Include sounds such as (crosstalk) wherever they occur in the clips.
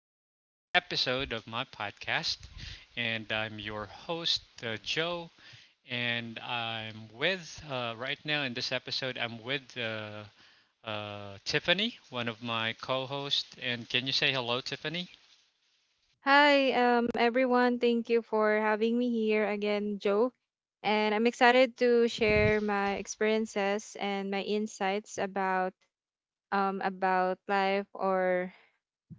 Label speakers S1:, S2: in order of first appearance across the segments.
S1: for another episode of my podcast. And I'm your host, Joe. And I'm with, right now in this episode, I'm with Tiffany, one of my co hosts. And can you say hello, Tiffany?
S2: Hi, everyone. Thank you for having me here again, Joe. And I'm excited to share my experiences and my insights about about life or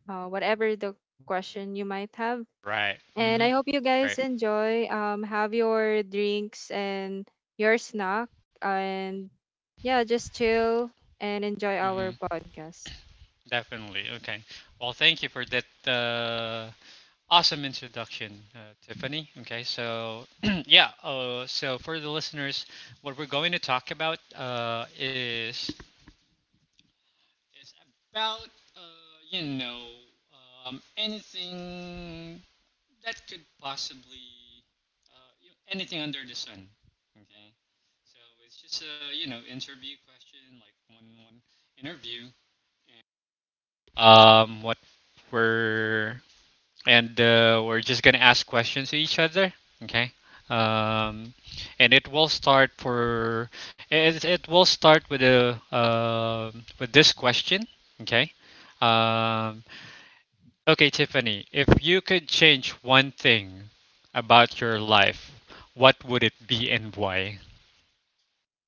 S2: whatever the question you might have.
S1: Right. Mm
S2: And
S1: hmm.
S2: I hope you
S1: Great.
S2: guys enjoy. Have your drinks and your snack, and yeah, just chill and enjoy
S1: Mm
S2: our
S1: hmm.
S2: podcast.
S1: Definitely. Okay. Well, thank you for that. Awesome introduction, Tiffany. Okay, so (clears throat) yeah, so for the listeners, what we're going to talk about is about uh, you know anything that could possibly anything under the sun. Okay, so it's just a, interview question, like one interview. What we're and we're just gonna ask questions to each other. Okay. Um, and it will it will start with a with this question. Okay. Um, okay, Tiffany, if you could change one thing about your life, what would it be and why?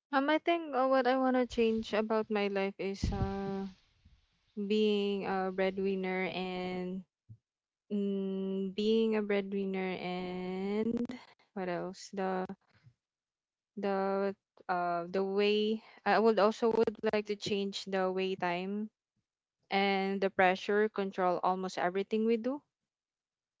S2: I think what I wanna change about my life is being a breadwinner and being a breadwinner and what else? The the way I would also would like to change the way time and the pressure control almost everything we do.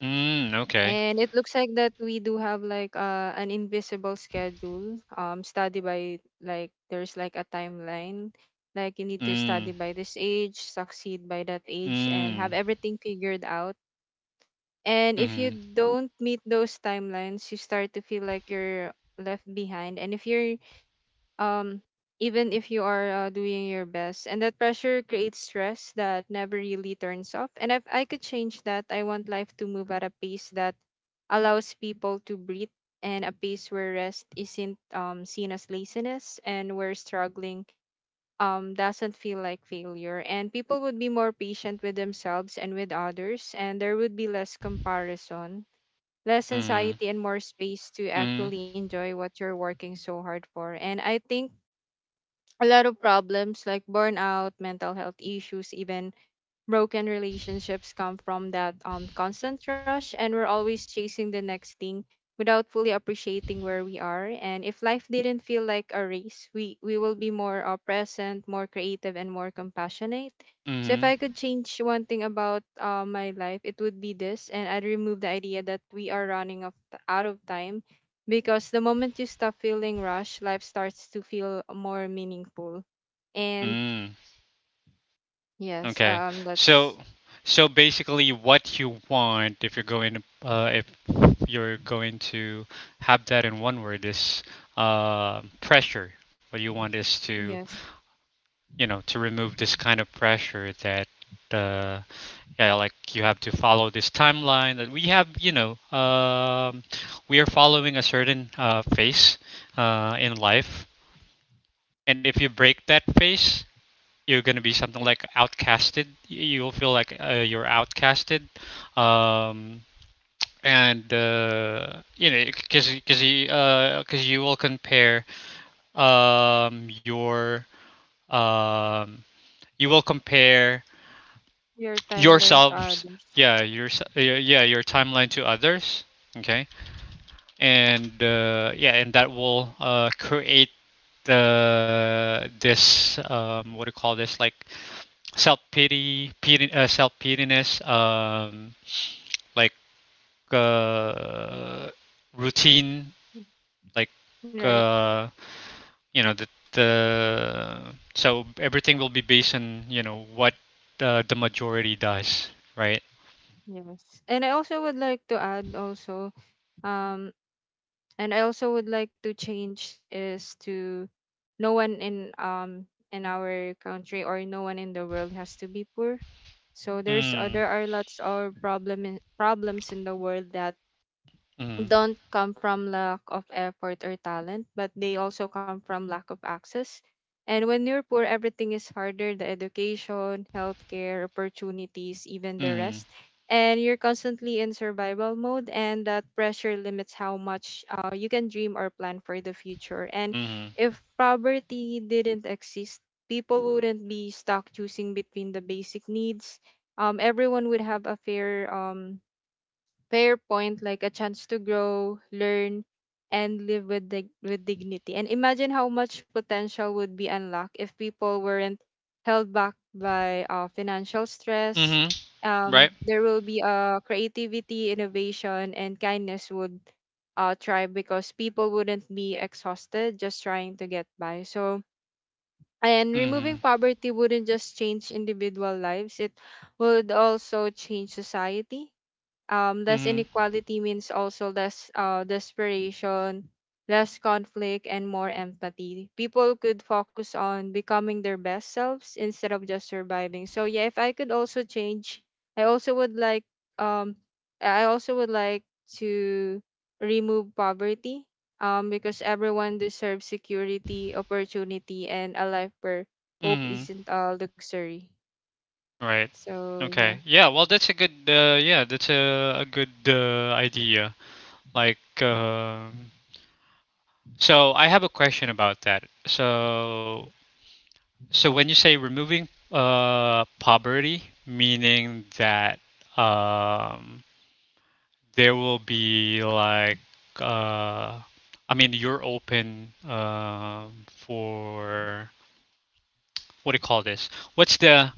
S1: Mm, okay.
S2: And it looks like that we do have like an invisible schedule. Study by like there's like a timeline. Like you need to
S1: Mm.
S2: study by this age, succeed by that age, and
S1: Mm.
S2: have everything figured out. And if you
S1: Mm.
S2: don't meet those timelines, you start to feel like you're left behind. And if you're, um, even if you are doing your best, and that pressure creates stress that never really turns off. And if I could change that, I want life to move at a pace that allows people to breathe, and a pace where rest isn't seen as laziness and where struggling doesn't feel like failure. And people would be more patient with themselves and with others, and there would be less comparison, less
S1: Mm.
S2: anxiety, and more space to
S1: Mm.
S2: actually enjoy what you're working so hard for. And I think a lot of problems like burnout, mental health issues, even broken relationships come from that constant rush, and we're always chasing the next thing without fully appreciating where we are. And if life didn't feel like a race, we will be more present, more creative, and more compassionate. So if
S1: Mm.
S2: I could change one thing about my life, it would be this, and I'd remove the idea that we are out of time, because the moment you stop feeling rushed, life starts to feel more meaningful. And
S1: Mm.
S2: yes,
S1: Okay.
S2: that's
S1: So so basically, what you want, if you're going to uh, if you're going to have that in one word, is pressure. What you want is to,
S2: yes,
S1: to remove this kind of pressure that uh, yeah, like you have to follow this timeline that we have, we are following a certain phase in life. And if you break that phase, you're gonna be something like outcasted. You'll feel like, you're outcasted, um, and because you 'cause you will compare um, your um, you will compare
S2: your timeline to
S1: yourselves,
S2: others,
S1: yeah, your, yeah, yeah, your timeline to others, okay, and yeah, and that will create the this what do you call this, like self pity, self pityness, like uh, routine, like
S2: right?
S1: uh, the so everything will be based on, what the majority does, right?
S2: Yes, and I also would like to add also, um and I also would like to change is to no one in our country or no one in the world has to be poor. So there's
S1: Mm.
S2: there are lots of problems in the world that
S1: Mm.
S2: don't come from lack of effort or talent, but they also come from lack of access. And when you're poor, everything is harder: the education, healthcare, opportunities, even the
S1: Mm.
S2: rest. And you're constantly in survival mode, and that pressure limits how much you can dream or plan for the future. And
S1: Mm.
S2: if poverty didn't exist, people wouldn't be stuck choosing between the basic needs. Everyone would have a fair point, like a chance to grow, learn, and live with with dignity. And imagine how much potential would be unlocked if people weren't held back by financial stress.
S1: Mm-hmm. Right?
S2: There will be creativity, innovation, and kindness would thrive, because people wouldn't be exhausted just trying to get by. So, and
S1: Mm.
S2: removing poverty wouldn't just change individual lives, it would also change society. Less
S1: Mm.
S2: inequality means also less desperation, less conflict, and more empathy. People could focus on becoming their best selves instead of just surviving. So yeah, if I could also change, I also would like, um, I also would like to remove poverty. Because everyone deserves security, opportunity, and a life where hope
S1: Mm.
S2: isn't a luxury.
S1: Right.
S2: So yeah,
S1: Okay. Yeah. Well, that's a good. Yeah, that's a good idea. Like, so I have a question about that. So when you say removing poverty, meaning that um there will be like, uh I mean, you're open, for, what do you call this? What's the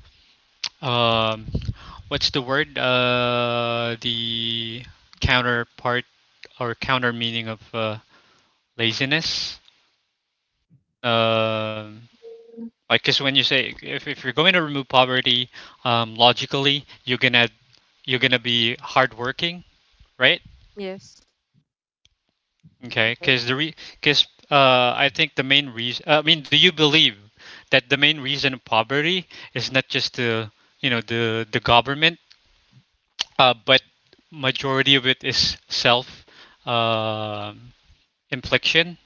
S1: um what's the word, the counterpart, or counter meaning of laziness? Um Like, because when you say, if you're going to remove poverty, logically, you're gonna be hardworking, right?
S2: yes.
S1: Okay,
S2: Okay.
S1: because I think the main reason, I mean, do you believe that the main reason of poverty is not just the, the government, but majority of it is self uh, infliction?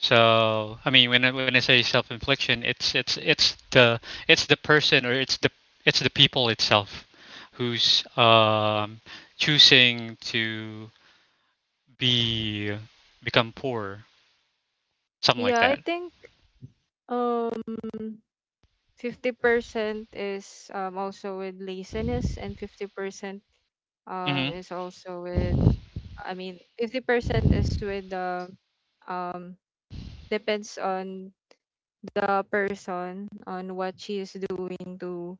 S1: So I mean, when I say self-infliction, it's the, person, or it's the, people itself, who's choosing to be become poor, something like
S2: Yeah, I
S1: that.
S2: think um 50% is also with laziness, and 50%
S1: Hmm.
S2: is also with, I mean, 50% is with the, um depends on the person on what she is doing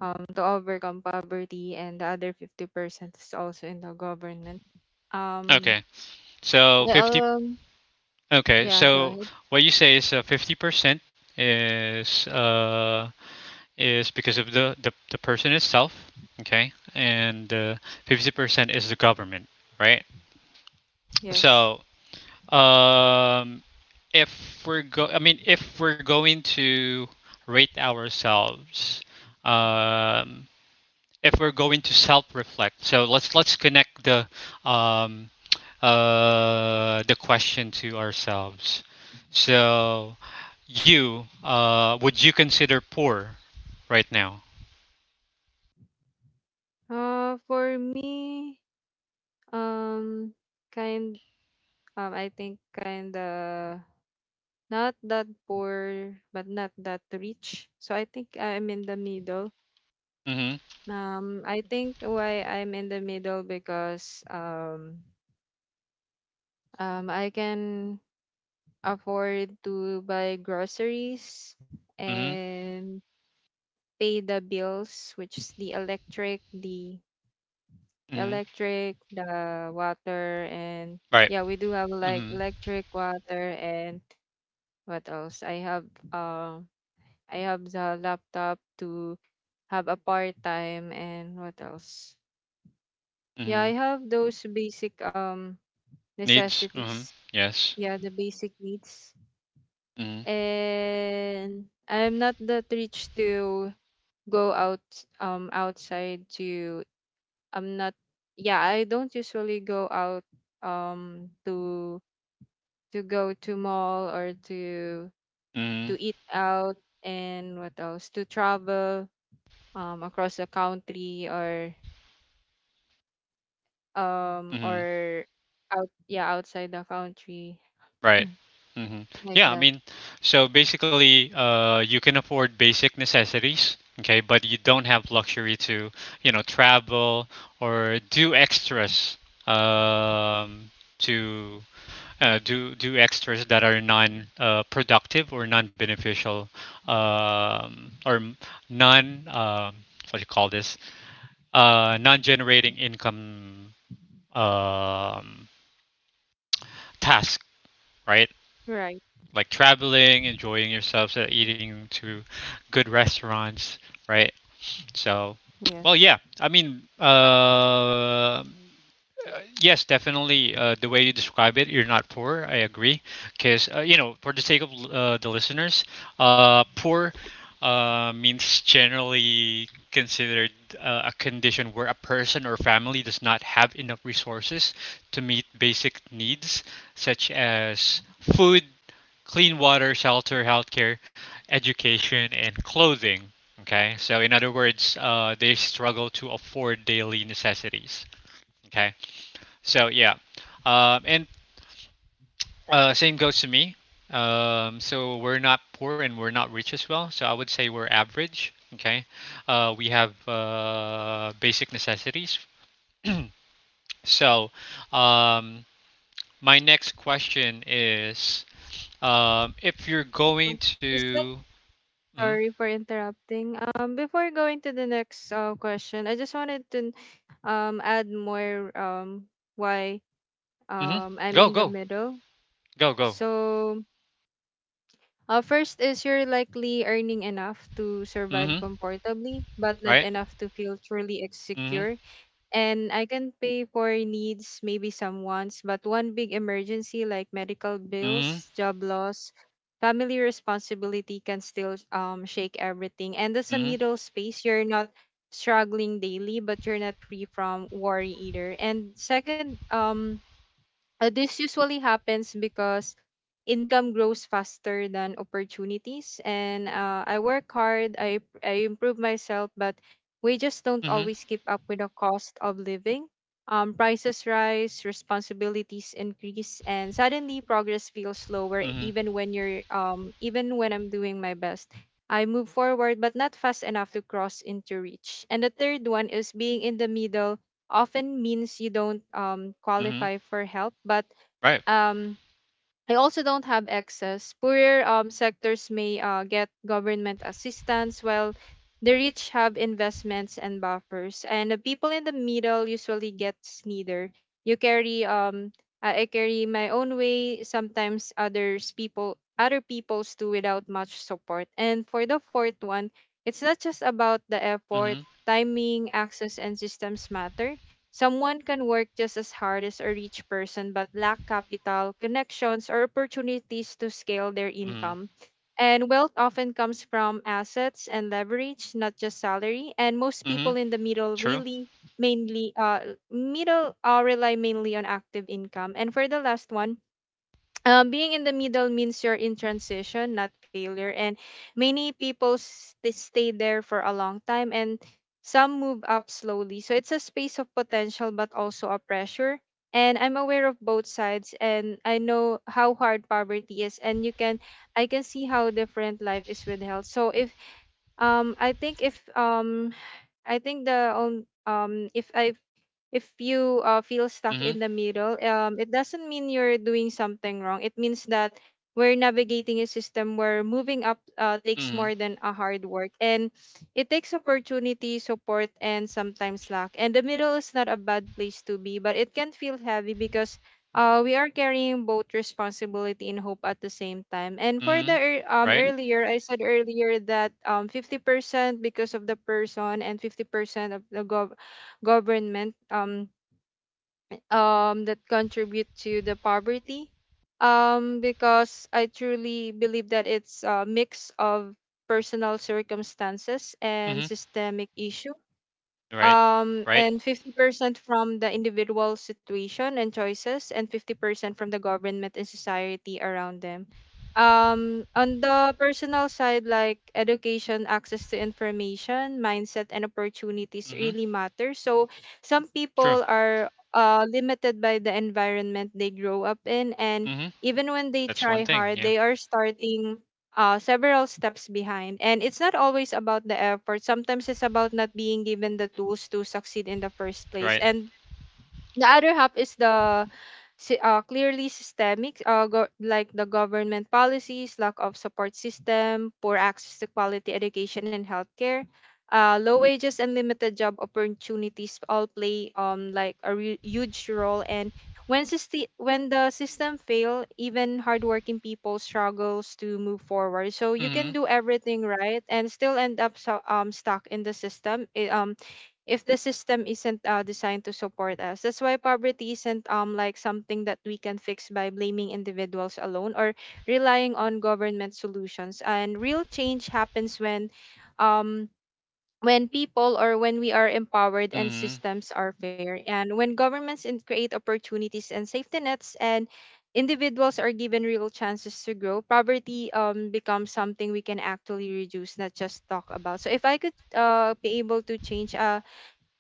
S2: to overcome poverty, and the other 50% is also in the government. Um
S1: Okay, so
S2: I
S1: 50. Okay,
S2: Yeah, go
S1: so
S2: ahead.
S1: what you say is, 50% is, because of the person itself. Okay, and 50% is the government, right?
S2: Yes.
S1: So, Um, if we're go, I mean, if we're going to rate ourselves, um, if we're going to self-reflect, so let's connect um, the question to ourselves. So, would you consider poor right now?
S2: For me, Um, kind. I think kinda not that poor, but not that rich. So I think I'm in the middle.
S1: Mm-hmm.
S2: I think why I'm in the middle because I can afford to buy groceries
S1: Mm-hmm.
S2: and pay the bills, which is the electric, the
S1: Mm-hmm.
S2: electric, the water, and
S1: Right.
S2: yeah, we do have like
S1: Mm-hmm.
S2: electric, water, and what else? Uh, I have the laptop to have a part time, and what else? Yeah, I
S1: Mm-hmm.
S2: have those basic
S1: Needs. Mm-hmm.
S2: necessities.
S1: Yes.
S2: Yeah, the basic needs.
S1: Mm-hmm.
S2: And I'm not that rich to go out outside to, I'm not, yeah, I don't usually go out um to to go to mall or to
S1: Mm-hmm.
S2: eat out and what else to travel across the country
S1: Mm-hmm.
S2: or out, yeah, outside the country.
S1: Right.
S2: Mm,
S1: Hmm.
S2: like
S1: Yeah, I
S2: that,
S1: mean, so basically, you can afford basic necessities, okay, but you don't have luxury to, travel, or do extras, um, to do extras that are non productive, or non beneficial, or m- non what do you call this? Non generating income um, task, right?
S2: right.
S1: Like traveling, enjoying yourselves, eating to good restaurants, right? So, well,
S2: Yes.
S1: yeah. I mean, yes, definitely. The way you describe it, you're not poor. I agree, because for the sake of the listeners, poor means, generally considered, a condition where a person or family does not have enough resources to meet basic needs such as food, clean water, shelter, healthcare, education, and clothing. Okay, so in other words, they struggle to afford daily necessities. Okay? So yeah, and same goes to me. So we're not poor, and we're not rich as well. So I would say we're average. Okay, we have basic necessities. (clears throat) So, um, my next question is, if you're
S2: Um,
S1: going
S2: is that,
S1: to, mm,
S2: sorry for interrupting, before going to the next question, I just wanted to add more why
S1: hmm.
S2: I'm
S1: Go
S2: in the
S1: go
S2: middle.
S1: go go.
S2: So first is you're likely earning enough to
S1: Hmm.
S2: survive comfortably but not
S1: Right.
S2: enough to feel truly
S1: Hmm.
S2: secure. And I can pay for needs, maybe some wants, but one big emergency like medical
S1: Hmm.
S2: bills, job loss, family responsibility can still shake everything. And there's a
S1: Hmm.
S2: middle space. You're not struggling daily, but you're not free from worry either. And second, this usually happens because income grows faster than opportunities. And I work hard, I improve myself, but we just don't
S1: Hmm.
S2: always keep up with the cost of living. Prices rise, responsibilities increase, and suddenly progress feels slower.
S1: Hmm.
S2: Even when you're, even when I'm doing my best, I move forward, but not fast enough to cross into reach. And the third one is being in the middle often means you don't
S1: Hmm.
S2: qualify for help. But
S1: Right.
S2: um, I also don't have access. Poorer sectors may get government assistance, while the rich have investments and buffers. And the people in the middle usually gets neither. You carry I carry my own way. Sometimes other people's too without much support. And for the fourth one, it's not just about the effort.
S1: Hmm.
S2: Timing, access, and systems matter. Someone can work just as hard as a rich person but lack capital, connections, or opportunities to scale their
S1: Hmm.
S2: income. And wealth often comes from assets and leverage, not just salary. And most
S1: Hmm.
S2: people in the middle
S1: True.
S2: really mainly middle rely mainly on active income. And for the last one, being in the middle means you're in transition, not failure. And many people they stay there for a long time, and some move up slowly. So it's a space of potential, but also a pressure. And I'm aware of both sides, and I know how hard poverty is. And you can, I can see how different life is with health. So if, I think if I think the if I, if you feel stuck
S1: Hmm
S2: in the middle, it doesn't mean you're doing something wrong. It means that we're navigating a system where moving up takes
S1: Mhm.
S2: more than a hard work, and it takes opportunity, support, and sometimes luck. And the middle is not a bad place to be, but it can feel heavy because we are carrying both responsibility and hope at the same time. And for the
S1: Mhm. Right.
S2: earlier, I said earlier that 50% because of the person and 50% of the government that contribute to the poverty. Because I truly believe that it's a mix of personal circumstances and
S1: Mhm.
S2: systemic issue,
S1: Right. Right.
S2: and 50% from the individual situation and choices, and 50% from the government and society around them. On the personal side, like education, access to information, mindset, and opportunities
S1: Mhm.
S2: really matter. So some
S1: True.
S2: people are limited by the environment they grow up in, and
S1: Mhm.
S2: even when they
S1: That's
S2: try
S1: one thing.
S2: hard,
S1: Yeah.
S2: they are starting several steps behind. And it's not always about the effort. Sometimes it's about not being given the tools to succeed in the first place.
S1: Right.
S2: And the other half is the clearly systemic like the government policies, lack of support system, poor access to quality education and healthcare, low wages and limited job opportunities all play like a huge role. And when when the system fail, even hardworking people struggles to move forward. So you can
S1: Mhm.
S2: do everything right and still end up, so, stuck in the system. It if the system isn't designed to support us. That's why poverty isn't like something that we can fix by blaming individuals alone or relying on government solutions. And real change happens um when people or when we are empowered and
S1: Mhm.
S2: systems are fair, and when governments create opportunities and safety nets, and individuals are given real chances to grow. Poverty becomes something we can actually reduce, not just talk about. So if I could be able to change uh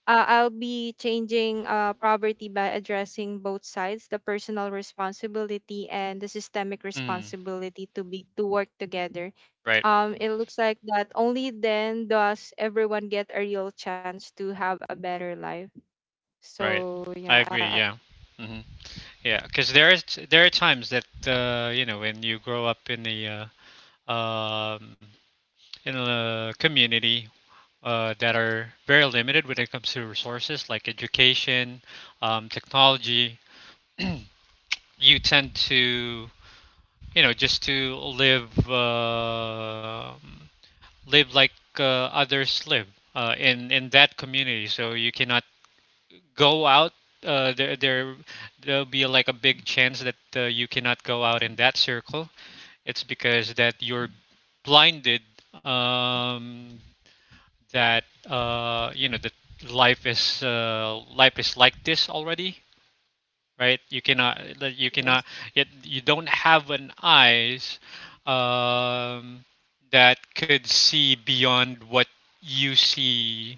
S2: uh, I'll be changing poverty by addressing both sides, the personal responsibility and the systemic
S1: Mhm.
S2: responsibility, to be to work together.
S1: Right.
S2: It looks like that only then does everyone get a real chance to have a better life.
S1: Right.
S2: So
S1: I
S2: yeah,
S1: agree. Yeah. Mhm. Yeah. Because there are times that, you know, when you grow up in the uh, um, in a community that are very limited when it comes to resources, like education, technology. (clears throat) You tend to, just to, live like uh, others live in that community. So you cannot go out. Uh, there there there'll be like a big chance that, you cannot go out in that circle. It's because that you're blinded, um, that that life is like this already, right? You cannot, like, you
S2: yes,
S1: cannot, yet you don't have an eyes um, that could see beyond what you see,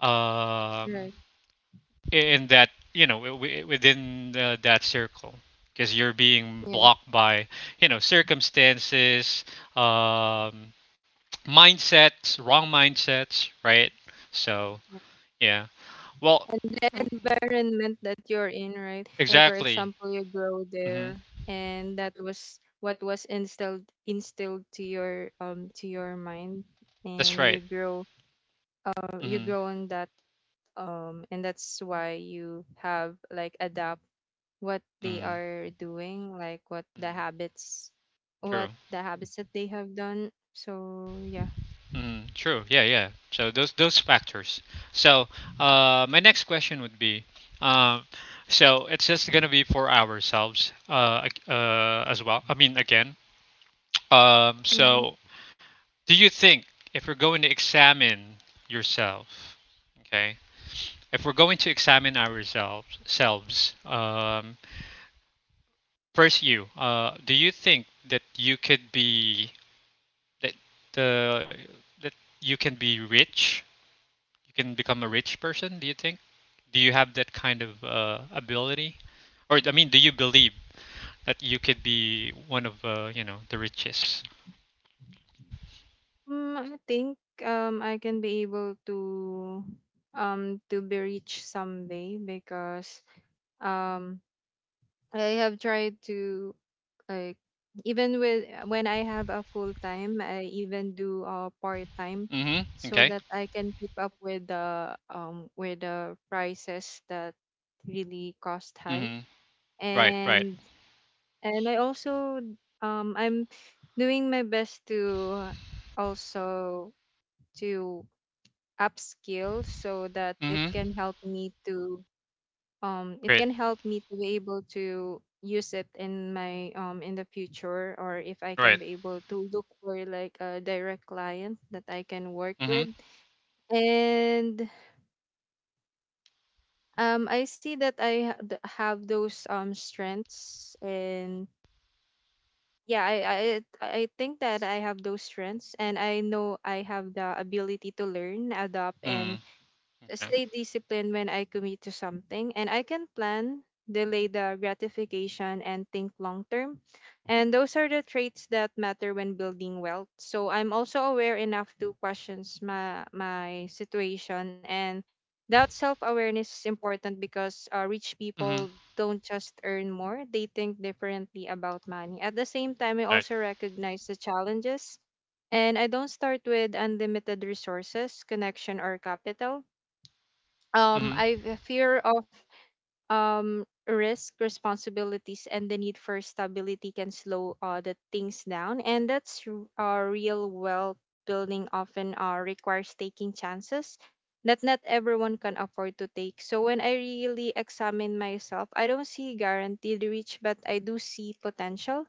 S1: um,
S2: right,
S1: in that, within that circle. Because you're being
S2: yes.
S1: blocked by, circumstances, um, mindsets, wrong mindsets, right? So, yeah. Well,
S2: And the
S1: w-
S2: environment that you're in, right? Like for
S1: exactly.
S2: example, you grow
S1: Hmm.
S2: there and that was what was instilled to your mind,
S1: That's
S2: and
S1: right.
S2: you grow, you
S1: Hmm.
S2: grow in that, and that's why you have like adapt what they
S1: Mm.
S2: are doing, like
S1: Mm. True.
S2: what the habits that they have done. So yeah.
S1: Mm, true. Yeah, yeah. So those factors. So, my next question would be, um, so it's just gonna be for ourselves, as well. I mean, again. So do you think, if we're going to examine yourself, okay, if we're going to examine ourselves, first, you, do you think that you could be, that the that you can be rich you can become a rich person, do you think? Do you have that kind of ability? Or I mean, do you believe that you could be one of, the richest?
S2: Mm, I think I can be able to be rich someday, because um I have tried to, like, even with when I have a full time I even do a part time,
S1: Mhm.
S2: so
S1: Okay.
S2: that I can keep up with the prices that really cost high.
S1: Mhm. Right, right.
S2: And I also, I'm doing my best to also to upskill, so that it
S1: Mhm.
S2: can help me to it
S1: Great.
S2: can help me to be able to use it in my in the future, or if I can
S1: Right.
S2: be able to look for like a direct client that I can work
S1: Mhm.
S2: with. And I see that have those strengths, and yeah, I think that I have those strengths, and I know I have the ability to learn, adapt, and
S1: Mhm. Okay.
S2: stay disciplined when I commit to something. And I can plan, delay the gratification, and think long term. And those are the traits that matter when building wealth. So I'm also aware enough to question my situation, and that self awareness is important because rich
S1: Mhm.
S2: people don't just earn more, they think differently about money. At the same time, I
S1: Right.
S2: also recognize the challenges. And I don't start with unlimited resources, connection, or capital.
S1: Mhm.
S2: I have a fear of risk responsibilities, and the need for stability can slow the things down. And real wealth building often requires taking chances that not everyone can afford to take. So when I really examine myself, I don't see guaranteed reach, but I do see potential.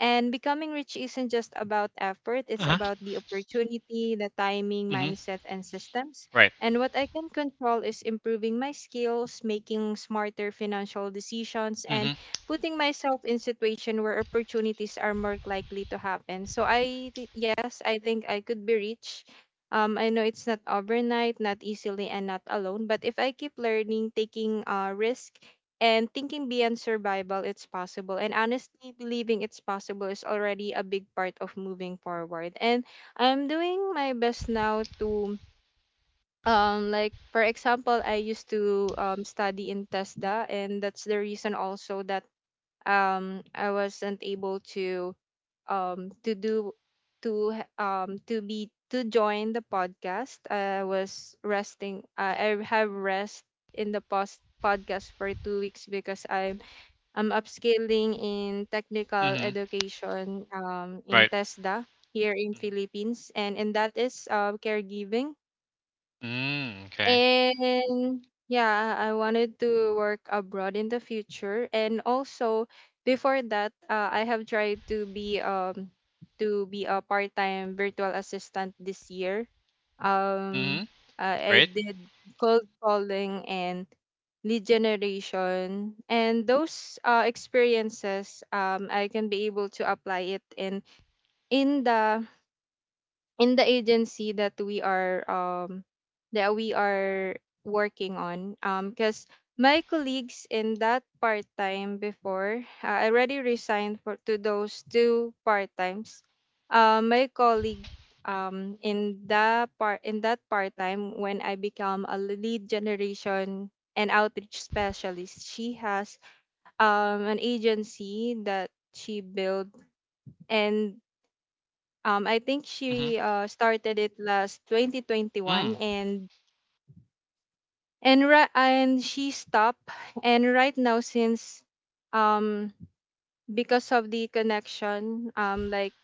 S2: And becoming rich isn't just about effort, it's
S1: Uh-huh.
S2: about the opportunity, the timing,
S1: Mhm.
S2: mindset, and systems.
S1: Right.
S2: And what I can control is improving my skills, making smarter financial decisions, and
S1: Mhm.
S2: putting myself in situation where opportunities are more likely to happen. So yes, I think I could be rich. I know it's not overnight, not easily, and not alone. But if I keep learning, taking risk, and thinking beyond survival, it's possible. And honestly, believing it's possible is already a big part of moving forward. And I'm doing my best now to like for example I used to study in TESDA, and that's the reason also that I wasn't able to do to be to join the podcast. I was resting, I have rest in the post podcast for 2 weeks, because I'm upscaling in technical
S1: Mhm.
S2: education in
S1: Right.
S2: TESDA here in
S1: Mhm.
S2: Philippines, and that is caregiving.
S1: Mm, okay.
S2: And yeah, I wanted to work abroad in the future. And also before that, I have tried to be a part-time virtual assistant this year.
S1: Mhm.
S2: Um, I
S1: Great.
S2: did cold calling and lead generation, and those experiences, I can be able to apply it in in the in the agency that we are working on. Um, because my colleagues in that part time before, I already resigned for to those two-part times. My colleague in that part time, when I become a lead generation and outreach specialist, she has an agency that she built. And I think
S1: Mhm.
S2: she started it last
S1: Mm.
S2: 2021, and and she stopped. And right now, since um because of the connection, like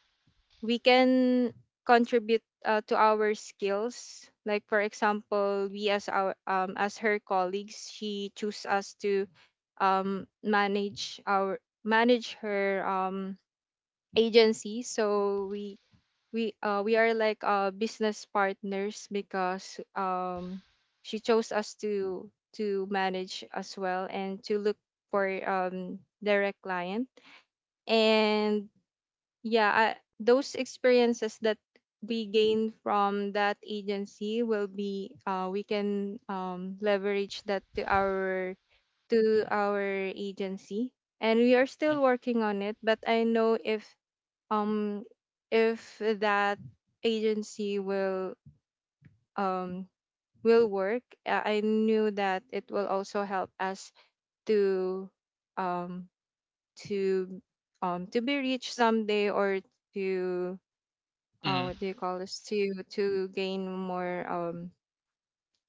S2: we can contribute to our skills, like for example we, as our as her colleagues, she choose us to manage our manage her agency. So we we are like business partners, because she chose us to manage as well, and to look for direct client. And yeah, those experiences that we gain from that agency will be, we can leverage that to our to our agency. And we are
S1: Mm.
S2: still working on it, but I know um if that agency um will work, I knew that it will also help us to um to to be rich someday, or to,
S1: Mm.
S2: what do you call this, to gain more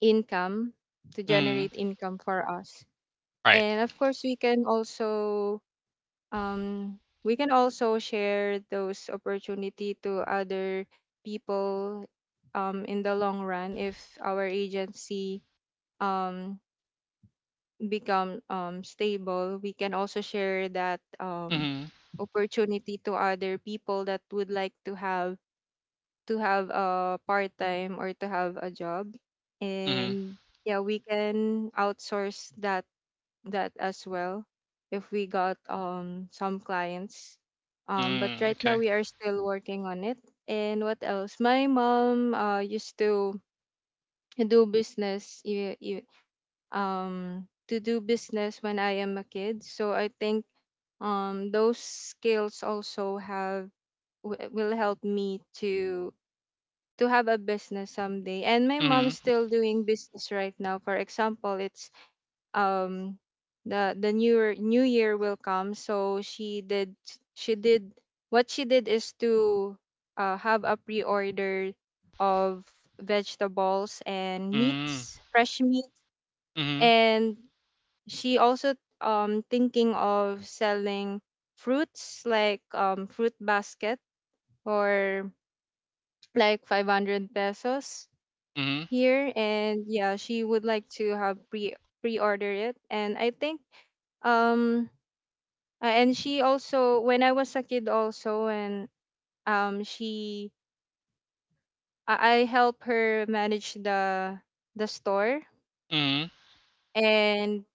S2: income, to
S1: Mm.
S2: generate income for us.
S1: Right.
S2: And of course we can also, um, we can also share those opportunity to other people, in the long run, if our agency um, become, stable, we can also share that,
S1: Mhm.
S2: opportunity to other people that would like to have a part-time or to have a job.
S1: Mhm.
S2: And yeah, we can outsource that as well if we got some clients. But
S1: Mm.
S2: right now
S1: Okay.
S2: we are still working on it. And what else? My mom used to do business, to do business when I am a kid. So I think those skills also have, will help me to have a business someday. And my
S1: Mhm.
S2: mom's still doing business right now. For example, it's um the new year will come, so she did what she did is to have a pre-order of vegetables and
S1: Mm.
S2: meats, fresh meat.
S1: Mhm.
S2: And she also thinking of selling fruits like fruit basket, or like 500 pesos
S1: Mhm.
S2: here. And yeah, she would like to have pre-order it. And I think um uh, and she also, when I was a kid, also, and um, she, I help her manage the store,
S1: Mhm.
S2: and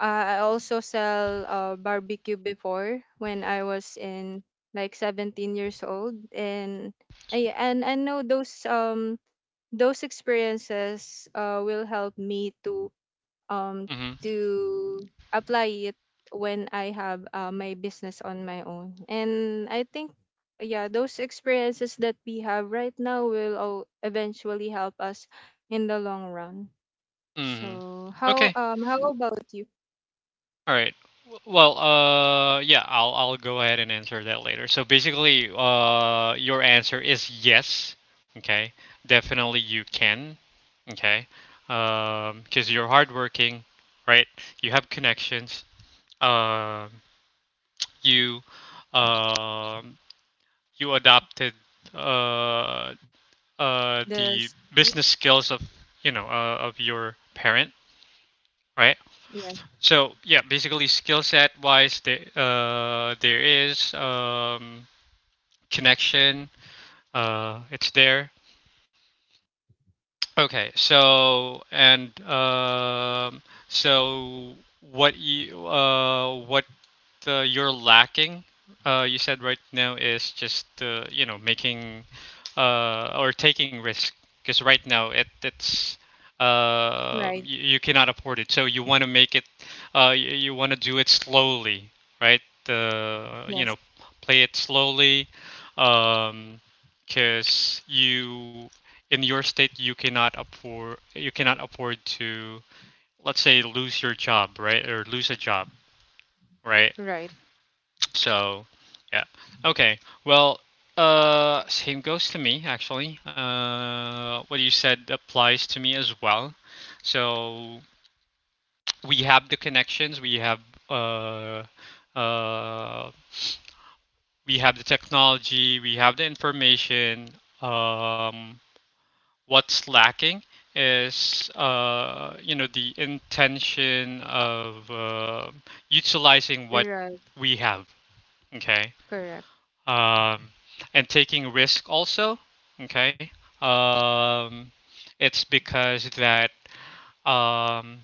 S2: I also sell barbecue before, when I was in like 17 years old. And I know those experiences will help me um
S1: Mhm.
S2: to apply it when I have my business on my own. And I think yeah, those experiences that we have right now will all eventually help us in the long run.
S1: Mhm.
S2: So
S1: Okay.
S2: how about you?
S1: All right. Well, yeah, I'll go ahead and answer that later. So basically, your answer is yes. Okay. Definitely, you can. Okay. Because you're hardworking, right? You have connections. Um, you, um, you adopted uh the
S2: Does
S1: business skills of, of your parent, right?
S2: yes,
S1: So yeah, basically, skill set wise, there is, connection. It's there. Okay. So, and so what you, what you're lacking, you said right now, is just, making, or taking risk, because right now, it it's
S2: right.
S1: you, you cannot afford it. So you want to make it. You, you want to do it slowly, right? Uh, you know,
S2: Yes.
S1: Play it slowly, um, because you, in your state, you cannot afford to, let's say, lose your job, right, or lose a job, right?
S2: Right.
S1: So, yeah. Okay. Well, same goes to me, actually. What you said applies to me as well. So we have the connections, uh, uh, we have the technology, we have the information. Um, what's lacking is, the intention of utilizing what
S2: Right.
S1: we have. Okay.
S2: Correct.
S1: um, and taking risk also, okay, um, it's because that, um,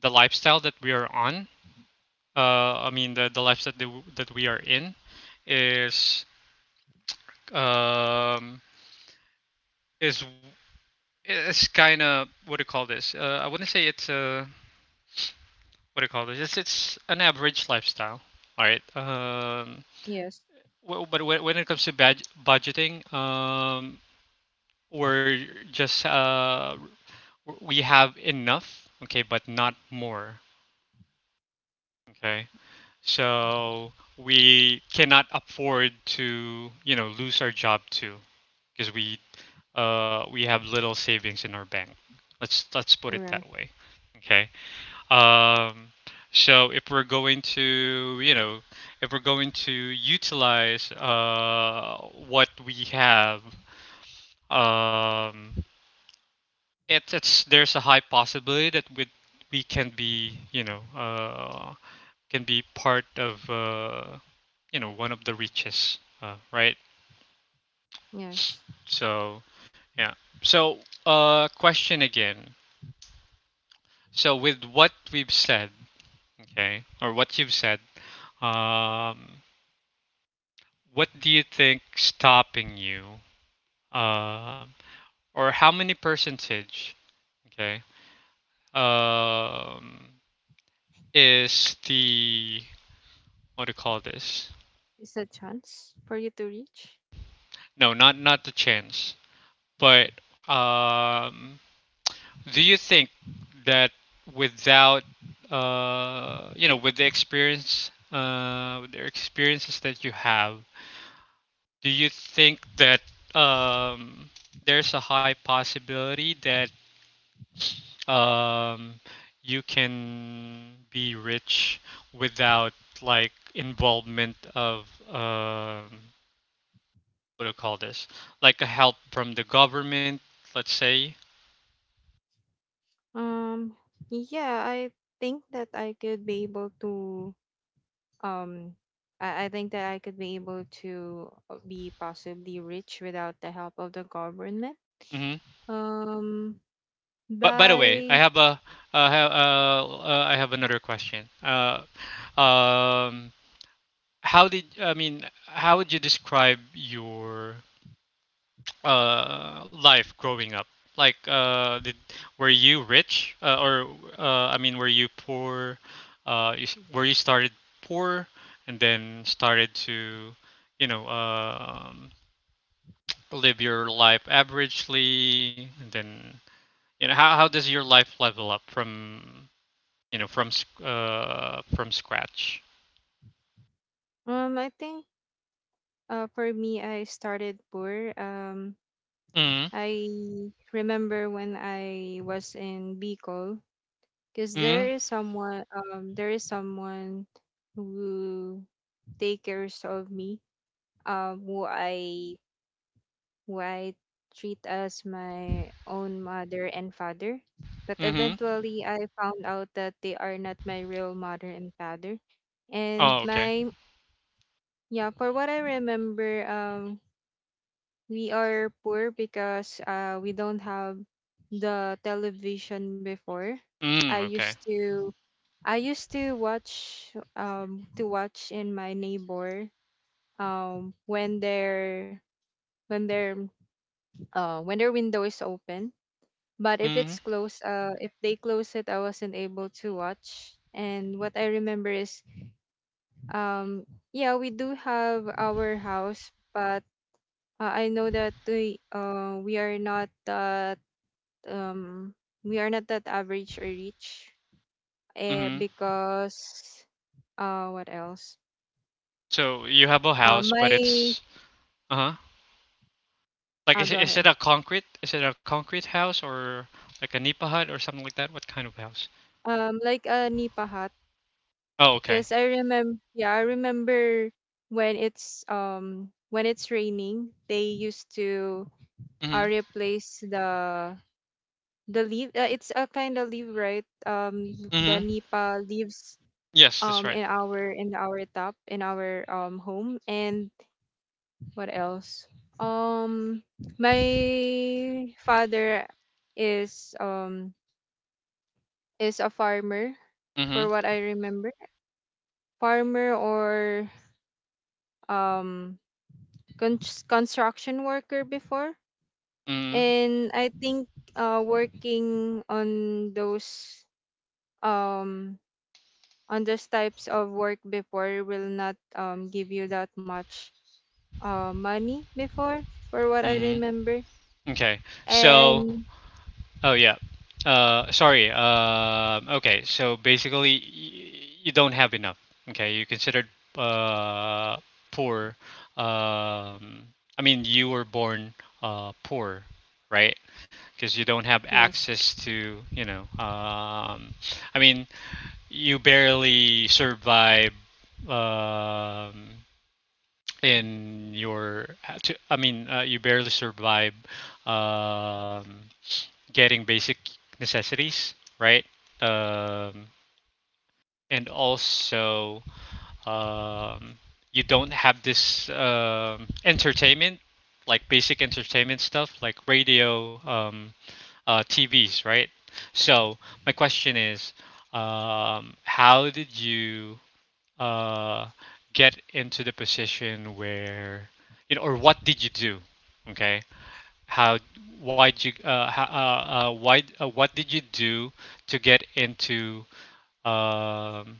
S1: the lifestyle that we are on, I mean, the lifestyle that, that we are in, is um, is is kind of, what do you call this, I wouldn't say it's a, what do you call this, it's an average lifestyle, all right,
S2: Yes.
S1: w- but when it comes to bad budgeting, or just, we have enough, okay, but not more, okay? So we cannot afford to, lose our job too, because we have little savings in our bank. Let's put it
S2: Right.
S1: that way. Okay. Um so if we're going to, if we're going to utilize what we have. Um it's There's a high possibility that we can be, can be part of, one of the riches, right?
S2: Yes.
S1: So yeah. So, question again. So with what we've said, okay, or what you've said, um, what do you think stopping you, uh, or how many percentage, okay, um, is the what do you call this?
S2: It's a chance for you to reach.
S1: No, not the chance. But um, do you think that without you know, with the experience, with the experiences that you have, do you think that um, there's a high possibility that um, you can be rich without like involvement of um, what do you call this? Like a help from the government, let's say,
S2: Um, yeah, I think that I could be able to um I think that I could be able to be possibly rich without the help of the government.
S1: hmm.
S2: Um
S1: But by the way, I
S2: by
S1: have a I have I have another question. Um, how did I mean? How would you describe your life growing up? Like, did were you rich or I mean, were you poor? You, were you started poor and then started to, you know, live your life averagely, and then you know how does your life level up from you know, from scratch.
S2: I think for me I started poor. Um,
S1: Mm.
S2: I remember when I was in Bicol, because there
S1: Mm.
S2: is someone, there is someone who take cares of me, who I White treat as my own mother and father. But
S1: Mhm.
S2: eventually, I found out that they are not my real mother and father. And
S1: Oh, okay.
S2: my, yeah, for what I remember, we are poor because we don't have the television before. I
S1: Mm, okay.
S2: used to, I used to watch in my neighbor, um, when their, when their, when their window is open. But if
S1: Mhm.
S2: it's close, if they (laughs) close it, I wasn't able to watch. And what I remember is, um, yeah, we do have our house, but I know that we are not that, um, we are not that average or rich, eh,
S1: Mhm.
S2: because, what else?
S1: So you have a house, but
S2: My,
S1: it's uh-huh. Like
S2: ah, go
S1: is
S2: ahead.
S1: it a concrete? Is it a concrete house or like a nipa hut or something like that? What kind of house?
S2: Like a
S1: Oh, okay.
S2: because I remember, yeah, I remember when it's raining, they used to
S1: Mhm.
S2: replace the leaf. It's a kind of leaf, right? The
S1: Mhm.
S2: nipa leaves
S1: Yes, that's right.
S2: in our home. And what else? Um, my father is um is a farmer, for
S1: Mhm.
S2: what I remember, farmer or um con- construction worker before.
S1: Mhm.
S2: And I think working um on those types of work before will not give you that much money before, for what I
S1: Mhm.
S2: remember.
S1: Okay. So
S2: And
S1: oh yeah. Sorry. Okay. So basically, you don't have enough. Okay, you considered uh, poor. Um, I mean, you were born poor, right? Because you don't have
S2: yes,
S1: access to, you know. I mean, you barely survive um, in your. To, I mean, you barely survive. Um, getting basic necessities, right? Um, and also, um, you don't have this entertainment, like basic entertainment stuff, like radio, TVs, right? So my question is, how did you uh, get into the position where, you know, or what did you do? Okay, how why did you how, why what did you do to get into um,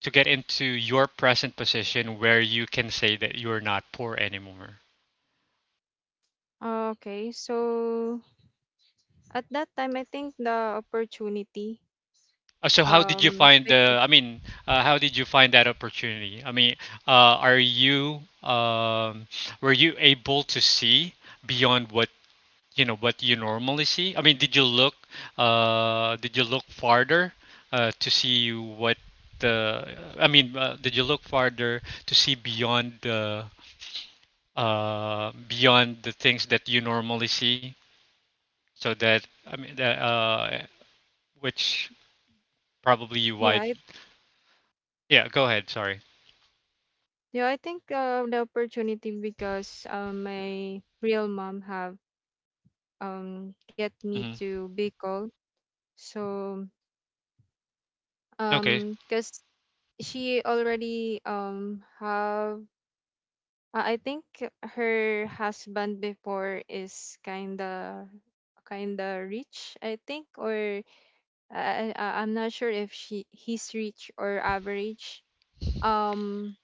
S1: to get into your present position where you can say that you're not poor anymore?
S2: okay, so at that time I think the opportunity
S1: So how did you find the
S2: because
S1: I mean how did you find that opportunity, I mean, are you were you able to see beyond what you know what you normally see? I mean, did you look farther to see what the I mean, did you look farther to see beyond the things that you normally see? So that I mean, that, which probably you
S2: yeah
S1: wide.
S2: I,
S1: Yeah, go ahead. Sorry.
S2: yeah I think the opportunity because my real mom have get me to
S1: Hmm.
S2: Bicol. So
S1: Okay.
S2: because she already have, I think her husband before is kinda rich, I think, or I'm not sure if she he's rich or average. Um,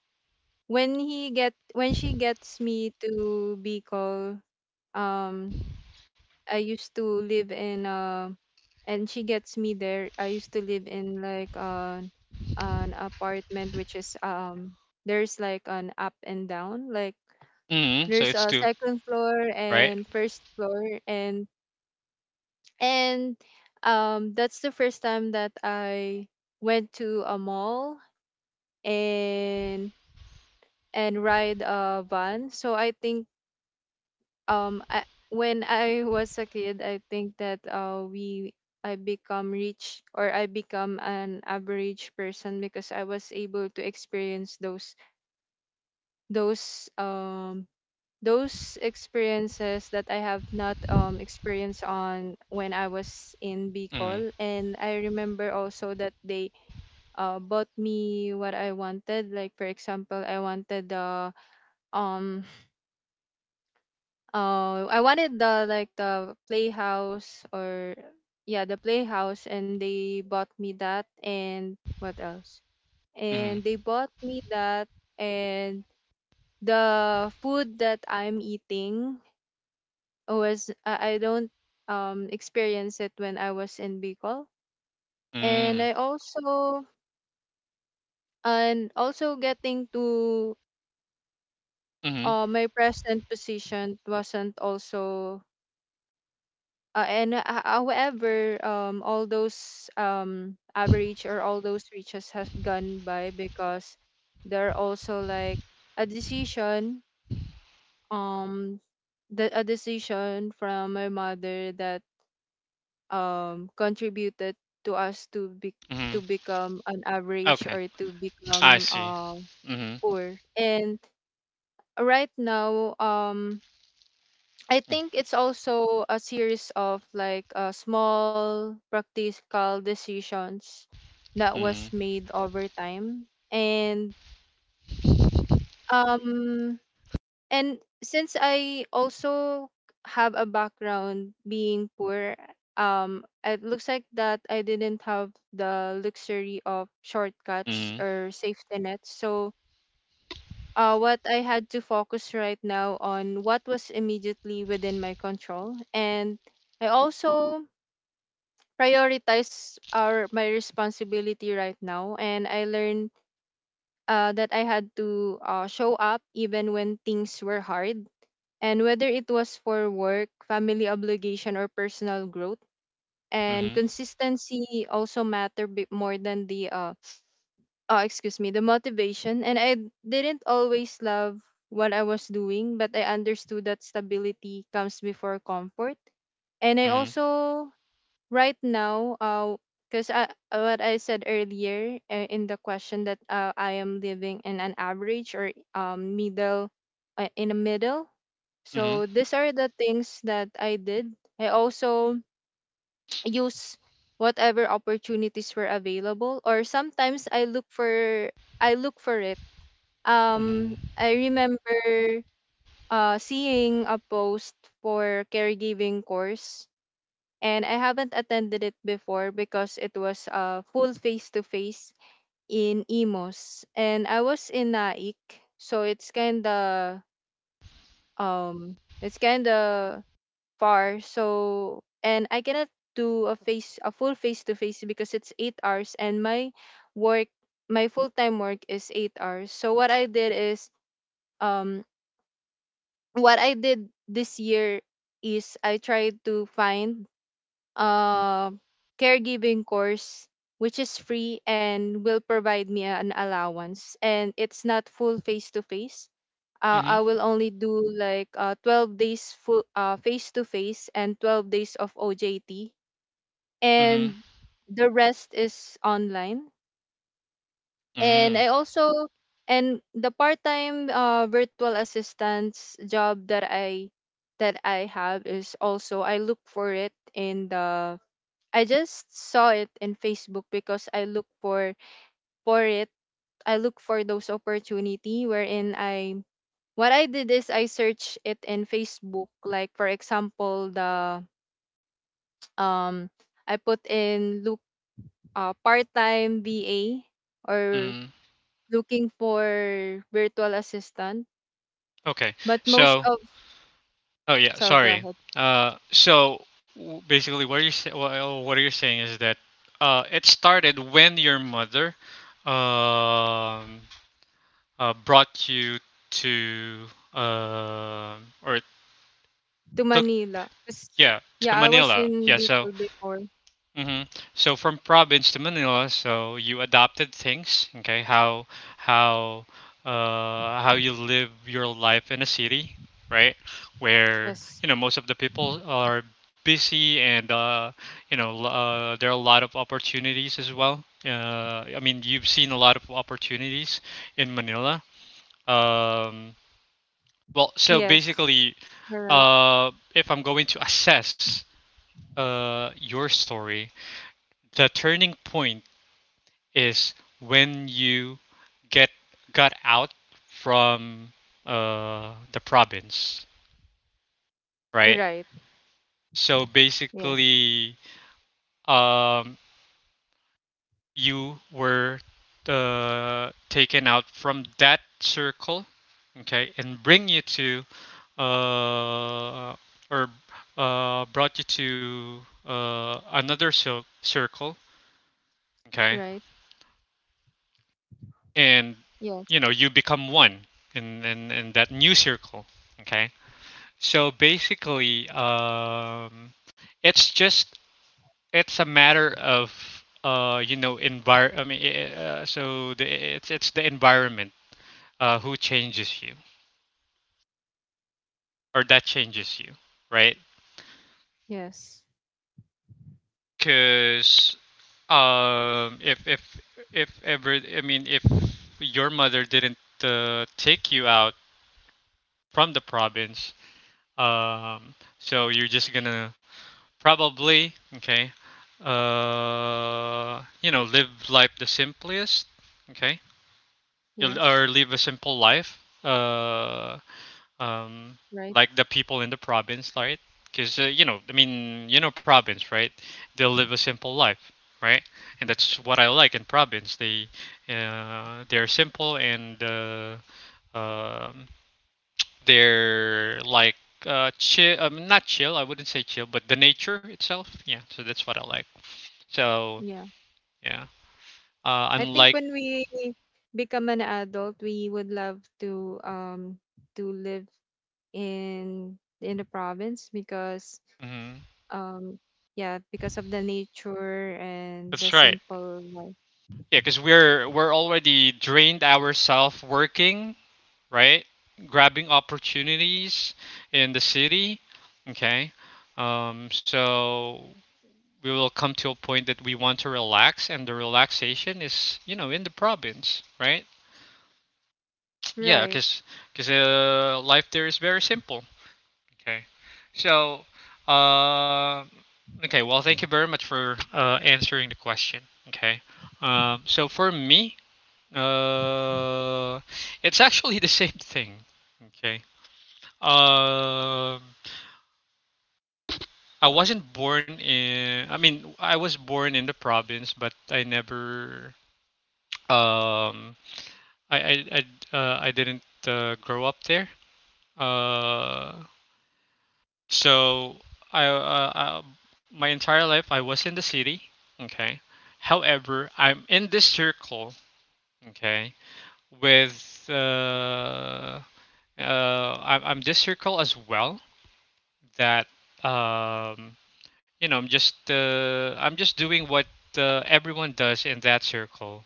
S2: when she gets me to Bicol, um I used to live in and she gets me there. I used to live in like an apartment which is there's like an up and down like
S1: Hmm. So
S2: there's
S1: it's
S2: a
S1: two,
S2: second floor
S1: right?
S2: and first floor and and that's the first time that I went to a mall and and ride a van. So I think um I, when I was a kid, I think that we I become rich or I become an average person because I was able to experience those those experiences that I have not experienced on when I was in
S1: Hmm.
S2: Bicol. And I remember also that they bought me what I wanted. Like for example um I wanted the like the playhouse or yeah, the playhouse, and they bought me that. And what else?
S1: Hmm.
S2: And they bought me that, and the food that I'm eating was I don't experience it when I was in Bicol. And
S1: Hmm.
S2: I also and also getting to
S1: Hmm.
S2: my present position wasn't also. Uh, and uh, ho- However, all those average or all those riches have gone by because there are also like a decision, um the a decision from my mother that contributed to us to be,
S1: Hmm.
S2: to become an average
S1: Okay.
S2: or to
S1: I
S2: become
S1: see. Hmm.
S2: poor. And right now, I think it's also a series of like small practical decisions that was
S1: Hmm.
S2: made over time. And
S1: Mhm,
S2: um since I also have a background being poor, it looks like that I didn't have the luxury of shortcuts or safety nets. So what I had to focus right now on what was immediately within my control. And I also prioritize our my responsibility right now. And I learned that I had to show up even when things were hard. And whether it was for work, family obligation, or personal growth, and
S1: mhm,
S2: consistency also matter bit more than the excuse me, the motivation. And I didn't always love what I was doing, but I understood that stability comes before comfort. And I
S1: mhm,
S2: also, right now, because I, what I said earlier in the question that I am living in an average or middle, in a middle.
S1: mhm,
S2: So these are the things that I did. I also use whatever opportunities were available, or sometimes I look for, I look for it.
S1: mhm,
S2: I remember seeing a post for caregiving course, and I haven't attended it before because it was full face to face in Imos and I was in Naik, so it's kind of um it's kind of far. So and I cannot do a full face to face because it's 8 hours, and my work, my full-time work is 8 hours. So what I did is um what I did this year is I tried to find a caregiving course which is free and will provide me an allowance, and it's not full face to face. Uh,
S1: mhm,
S2: I will only do like 12 days full face to face and 12 days of OJT
S1: mhm,
S2: and the rest is online. And
S1: mhm,
S2: I also and the part-time virtual assistance job that I have is also I look for it in the, I just saw it in Facebook because I look for it. I look for those opportunity wherein I, what I did is I searched it in Facebook. Like for example, the (tsk) um I put in look part-time VA or
S1: mhm.
S2: looking for virtual assistant.
S1: Okay.
S2: But most
S1: So,
S2: of,
S1: oh yeah,
S2: sorry, go
S1: sorry.
S2: ahead
S1: So basically, what you're well, what you're saying is that it started when your mother um brought you to uh, or
S2: to
S1: took
S2: Manila. 'Cause,
S1: yeah to
S2: yeah, I was
S1: Manila. Yeah.
S2: in
S1: So
S2: Bicol before.
S1: mm-hmm. So from province to Manila, so you adopted things, okay? How how you live your life in a city, right? Where
S2: Yes,
S1: you know most of the people are busy, and you know there are a lot of opportunities as well. I mean, you've seen a lot of opportunities in Manila. Um, well, so
S2: yes,
S1: basically,
S2: you're right,
S1: if I'm going to assess your story, the turning point is when you get got out from the province, right?
S2: right,
S1: So
S2: yes,
S1: basically, um, you were taken out from that circle, okay, and bring you to, uh, or brought you to another circle, okay,
S2: right,
S1: and
S2: yes,
S1: you know you become one in that new circle, okay. So basically, it's just it's a matter of you know envir. I mean, so the, it's the environment who changes you or that changes you, right?
S2: yes,
S1: Because um, if if if ever I mean if your mother didn't take you out from the province, um, so you're just gonna probably, okay. You know, live life the simplest, okay? You'll,
S2: yes,
S1: or live a simple life, um,
S2: right,
S1: like the people in the province, right? Because, you know, I mean, you know, province, right? They'll live a simple life, right? And that's what I like in province. They, they're simple, and um, they're like chill, not chill, I wouldn't say chill, but the nature itself. Yeah, so that's what I like. So
S2: yeah.
S1: yeah,
S2: I think
S1: unlike
S2: when we become an adult, we would love to live in the province because
S1: mhm.
S2: um yeah, because of the nature and the
S1: That's right.
S2: simple life.
S1: Yeah, because we're already drained ourselves working, right? Grabbing opportunities in the city. Okay, so we will come to a point that we want to relax, and the relaxation is you know in the province, right? Yeah,
S2: Right.
S1: because life there is very simple. Okay. So, uh, okay. Well, thank you very much for answering the question. Okay. So for me, uh, it's actually (laughs) the same thing. Okay. Um, I wasn't born in. I mean, I was born in the province, but I never. Um, I I didn't grow up there. Uh, So I, uh, my entire life I was in the city. Okay. However, I'm in this circle. Okay. With I'm this circle as well that um, you know I'm just doing what everyone does in that circle,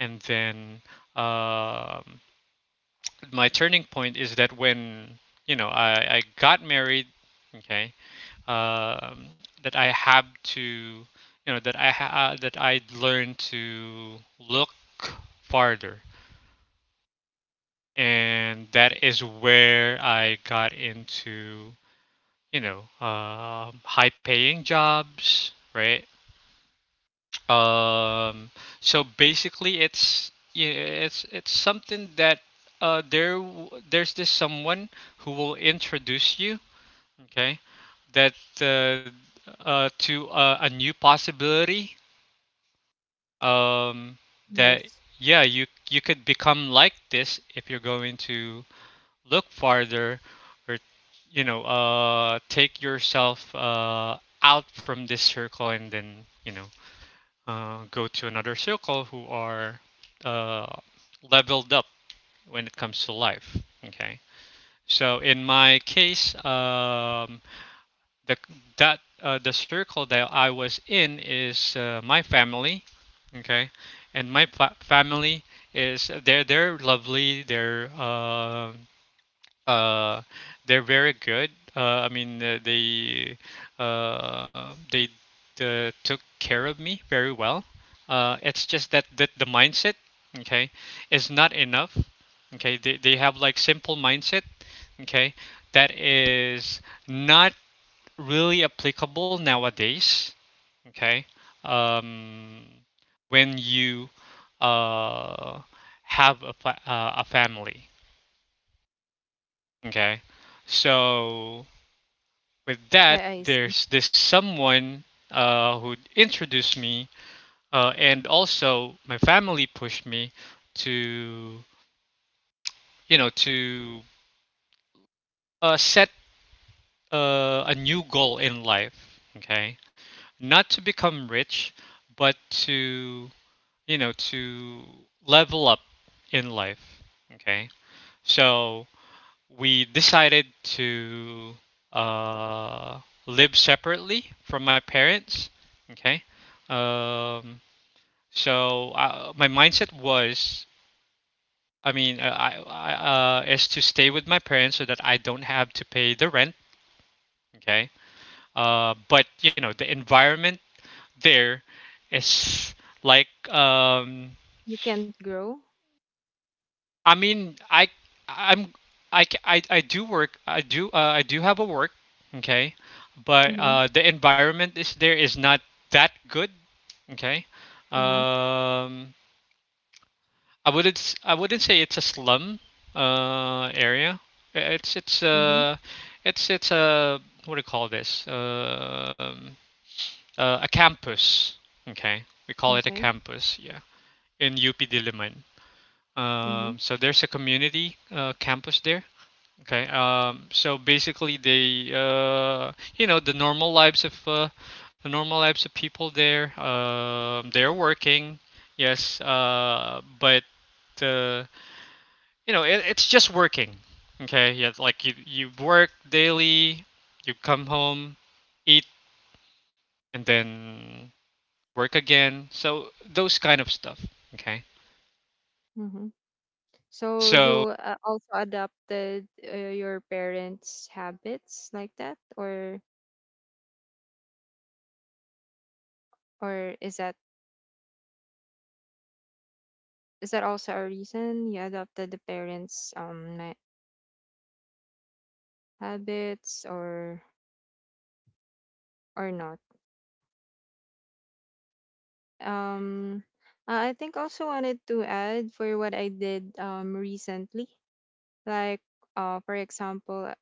S1: and then um my turning point is that when you know I got married. Okay, um, that I have to, you know, that I that I learned to look farther, and that is where I got into, you know, high-paying jobs, right? Um, so basically, it's yeah, it's something that there there's this someone who will introduce you, okay, that uh, to a new possibility um, that
S2: Yes.
S1: yeah, you could become like this if you're going to look farther or you know take yourself out from this circle and then you know go to another circle who are uh, leveled up when it comes to life. Okay. So in my case, the that the circle that I was in is my family, okay, and my family is they're lovely. Uh, they're very good. I mean they took care of me very well. It's just that the mindset, okay, is not enough. Okay, they have like simple mindset, okay, that is not really applicable nowadays. Okay, um, when you uh, have a a family. Okay, so with that,
S2: I see.
S1: there's this someone who introduced me, and also my family pushed me to you know to set a new goal in life. Okay, not to become rich, but to you know, to level up in life. Okay. So we decided to uh, live separately from my parents. Okay. Um, so my mindset was, I mean, I is to stay with my parents so that I don't have to pay the rent. Okay. But you know, the environment there is like um,
S2: You can't grow.
S1: I mean, I'm I do work. I do have a work, okay? But
S2: Mm-hmm.
S1: the environment is there is not that good, okay?
S2: Uh-huh.
S1: Um, I wouldn't I wouldn't say it's a slum area. I- It's it's
S2: Mm-hmm.
S1: uh it's a what do you call this? A campus, okay? We call it a
S2: Okay.
S1: campus, yeah, in UP Diliman.
S2: Mm-hmm.
S1: So there's a community campus there. Okay. So basically, they, you know, the normal lives of the normal lives of people there. They're working, yes, but uh, you know, it, it's just working. Okay. Yeah. Like you work daily, you come home, eat, and then work again. So those kind of stuff. Okay.
S2: Mm-hmm. So
S1: So.
S2: you also adopted your parents' habits like that, or is that, is that also a reason you adopted the parents' ma- habits or not? Um, I think also wanted to add for what I did recently, like for example,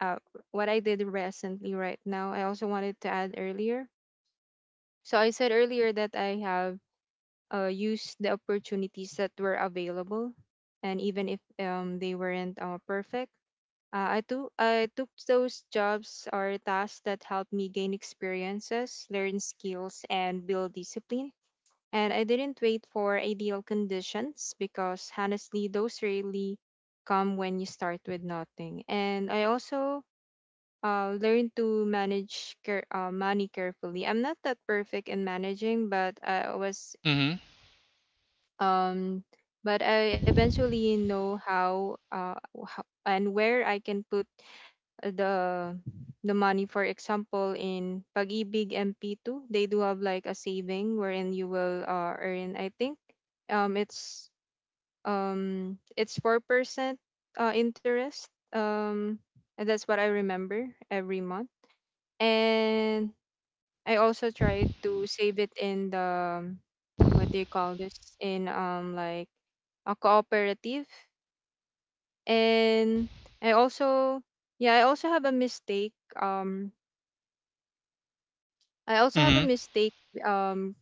S2: uh what I did recently right now. I also wanted to add earlier. So I said earlier that I have used the opportunities that were available, and even if they weren't perfect. I took those jobs or tasks that helped me gain experiences, learn skills, and build discipline. And I didn't wait for ideal conditions because honestly, those really come when you start with nothing. And I also learned to manage care, money carefully. I'm not that perfect in managing, but I was
S1: Mhm.
S2: um, but I eventually know how and where I can put the the money. For example in pag-ibig MP2, they do have like a saving wherein you will earn. I think um it's it's 4% interest um and that's what I remember every month. And I also tried to save it in the um, what do you call this in like a cooperative. And I also, yeah, I also have a mistake I also have
S1: Mhm.
S2: a mistake um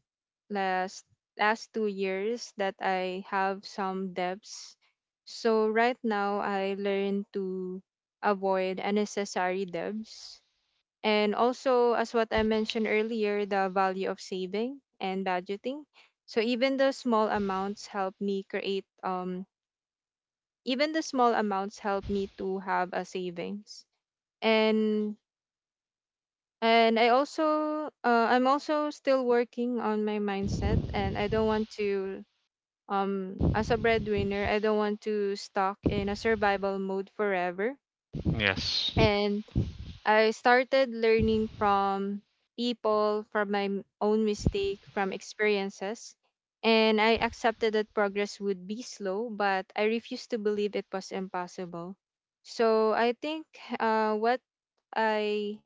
S2: last last 2 years that I have some debts. So right now I learn to avoid unnecessary debts. And also as what I mentioned earlier, the value of saving and budgeting. So even the small amounts help me to have a savings. And and I also I'm also still working on my mindset, and I don't want to as a breadwinner, I don't want to stuck in a survival mode forever.
S1: Yes.
S2: And I started learning from people, from my m- own mistake, from experiences, and I accepted that progress would be slow but I refused to believe it was impossible. So I think what I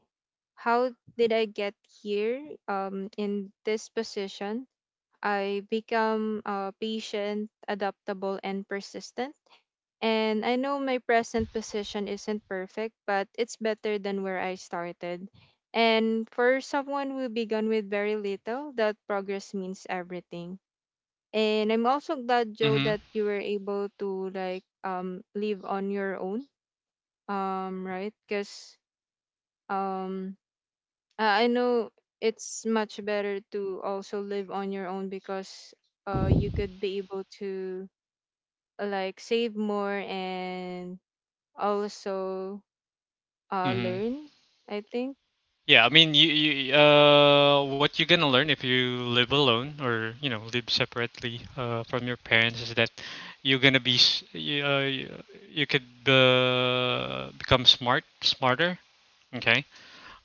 S2: how did I get here in this position? I become patient, adaptable, and persistent. And I know my present position isn't perfect, but it's better than where I started. And for someone who began with very little, that progress means everything. And I'm also glad, Joe,
S1: Mhm.
S2: that you were able to like live on your own, right? Because um uh, I know it's much better to also live on your own because you could be able to like save more and also
S1: Mhm.
S2: learn, I think.
S1: Yeah, I mean, you what you're gonna learn if you live alone or you know live separately from your parents is that you're gonna be you, you you could become smarter, okay?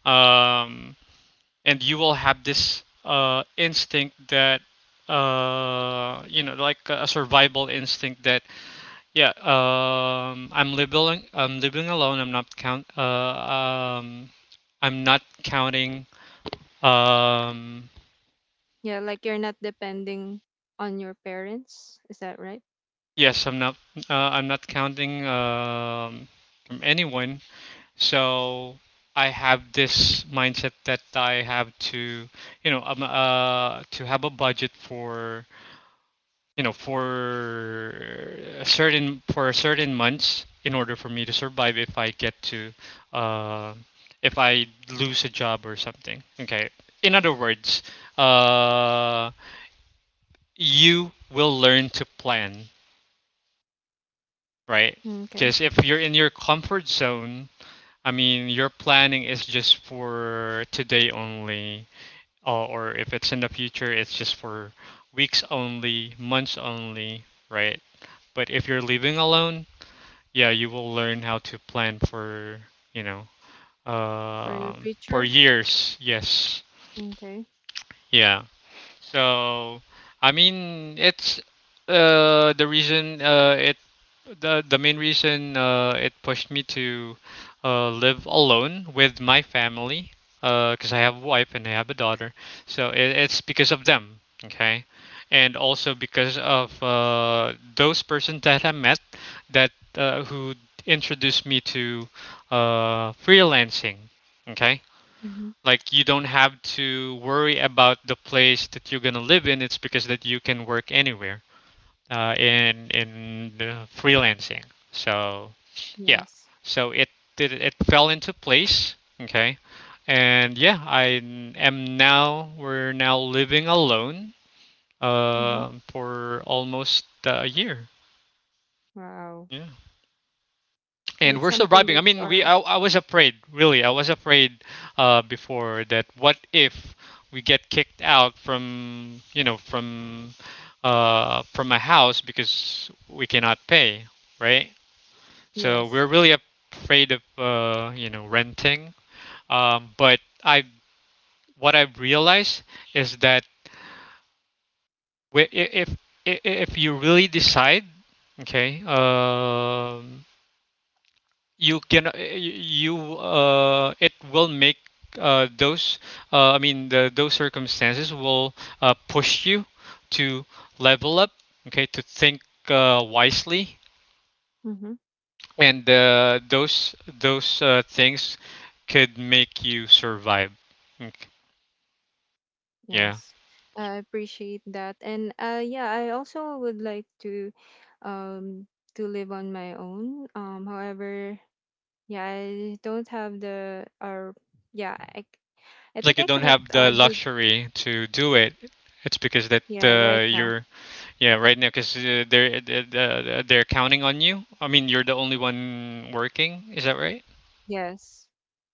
S1: Um, and you will have this instinct that you know, like a survival instinct that yeah, I'm living alone. I'm not um, I'm not counting um,
S2: Yeah, like you're not depending on your parents. Is that right?
S1: yes, I'm not. I'm not counting from anyone. So I have this mindset that I have to, you know, to have a budget for, you know, for a certain for certain months in order for me to survive if I get to, uh, if I lose a job or something. Okay. In other words, uh, you will learn to plan right?
S2: Okay.
S1: Because if you're in your comfort zone, I mean, your planning is just for today only, or if it's in the future, it's just for weeks only, months only, right? But if you're living alone, yeah, you will learn how to plan for, you know,
S2: For your
S1: for
S2: future?
S1: years. Yes.
S2: Okay.
S1: Yeah. So, I mean, it's the reason it the main reason it pushed me to live alone with my family because I have a wife and I have a daughter. So it's because of them, okay, and also because of those persons that I met that who introduced me to freelancing, okay,
S2: Mm-hmm.
S1: like you don't have to worry about the place that you're gonna live in. It's because that you can work anywhere, in freelancing. So yeah,
S2: Yes.
S1: so it fell into place. Okay, and yeah, I am now we're now living alone
S2: Mm-hmm.
S1: for almost a year.
S2: Wow.
S1: Yeah. And
S2: It's
S1: we're
S2: something
S1: surviving.
S2: that
S1: I
S2: you
S1: mean,
S2: are,
S1: I was afraid, really. I was afraid before that. What if we get kicked out from, you know, from a house because we cannot pay, right? So
S2: yes.
S1: we're really afraid of, you know, renting. But I what I've realized is that wi- i- if if you really decide, okay, you can you it will make those I mean the, those circumstances will push you to level up, okay, to think wisely.
S2: Mm-hmm.
S1: And those things could make you survive. Okay. Yeah,
S2: Yes, I appreciate that. And yeah, I also would like um to live on my own. However, yeah, I don't have the or yeah, I c- I
S1: like
S2: think
S1: you
S2: I
S1: don't
S2: cannot
S1: have the
S2: do,
S1: luxury to do it. It's because that
S2: yeah, right now.
S1: you're yeah, right now, because they're counting on you. I mean, you're the only one working, is that right?
S2: Yes.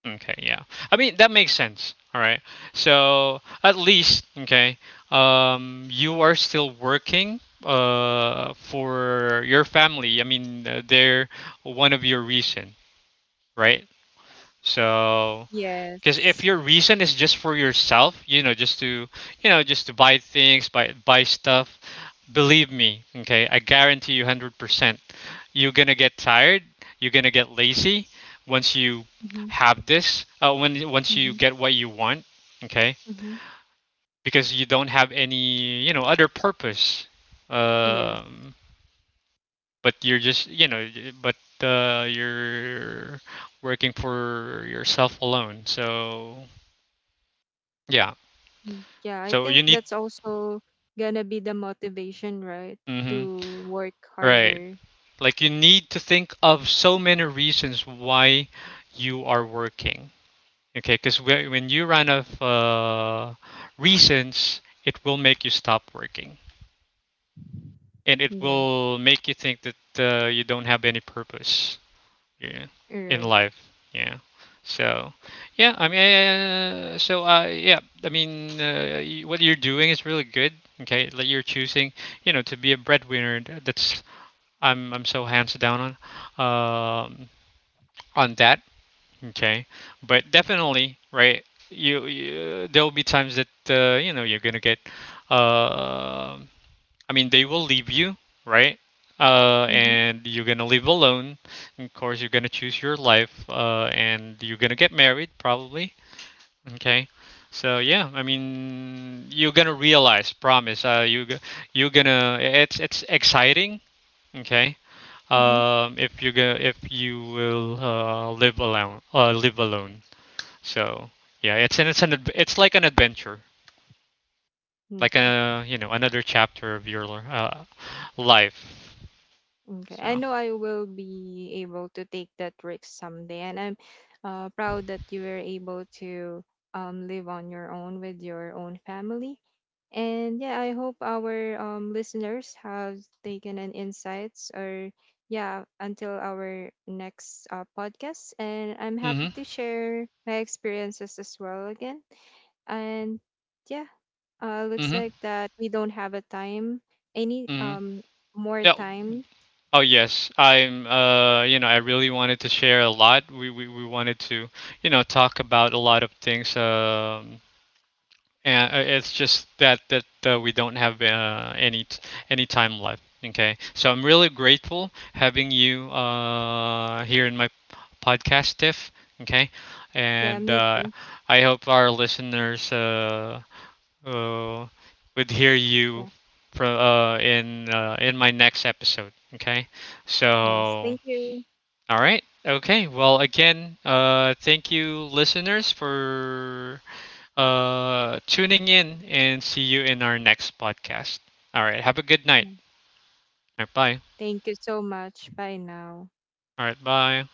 S1: Okay, yeah. I mean, that makes sense. All right. So at least, okay, you are still working for your family. I mean, they're one of your reason, right? So because if
S2: Yes.
S1: your reason is just for yourself, you know, just to, just to buy things, buy buy stuff, believe me, okay, I guarantee you 100%. You're gonna get tired. You're gonna get lazy once you
S2: Mhm.
S1: have this. When Once you
S2: Mhm.
S1: get what you want, okay,
S2: Mhm.
S1: because you don't have any, you know, other purpose.
S2: Yes.
S1: Um, but you're just, you know, but you're working for yourself alone. So yeah.
S2: Mm. Yeah, I
S1: So
S2: think
S1: you need.
S2: that's also gonna be the motivation, right?
S1: Mm-hmm.
S2: To work
S1: Right.
S2: harder.
S1: Like you need to think of so many reasons why you are working. Okay, because when you run out of reasons, it will make you stop working, and it
S2: Yeah.
S1: will make you think that you don't have any purpose, yeah,
S2: All
S1: in
S2: right.
S1: life. Yeah. So, yeah. Yeah. I mean, what you're doing is really good. Okay, like you're choosing, you know, to be a breadwinner. That's I'm so hands down on, um, on that. Okay, but definitely, right? You, there'll be times that, you know, you're gonna get. Uh, I mean, they will leave you, right?
S2: Mhm.
S1: And you're gonna live alone. Of course, you're gonna choose your life, and you're gonna get married probably. Okay, so yeah, I mean, you're gonna realize, promise. You g- you're gonna. It's exciting. Okay.
S2: Mhm.
S1: If you will live alone. So yeah, it's like an adventure, like,
S2: Okay.
S1: a you know, another chapter of your life.
S2: Okay. I
S1: So.
S2: know I will be able to take that risk someday, and I'm proud that you were able to live on your own with your own family. And yeah, I hope our listeners have taken an insights or yeah, until our next podcast. And I'm happy
S1: Mhm.
S2: to share my experiences as well again. And yeah, looks
S1: Mhm.
S2: like that we don't have a time any
S1: Mhm.
S2: more
S1: Yeah.
S2: time.
S1: Oh yes, I'm. You know, I really wanted to share a lot. We wanted to, you know, talk about a lot of things. And It's just that we don't have any time left. Okay, so I'm really grateful having you here in my podcast, Tiff. Okay,
S2: Yeah,
S1: and
S2: me too.
S1: I hope our listeners uh, would hear you
S2: Yeah.
S1: from in my next episode. Okay,
S2: Yes.
S1: so
S2: Thank you.
S1: all right. Okay. Well, again, thank you, listeners, for tuning in, and see you in our next podcast. All right. Have a good
S2: Yeah.
S1: night. All right. Bye.
S2: Thank you so much. Bye now.
S1: All right. Bye.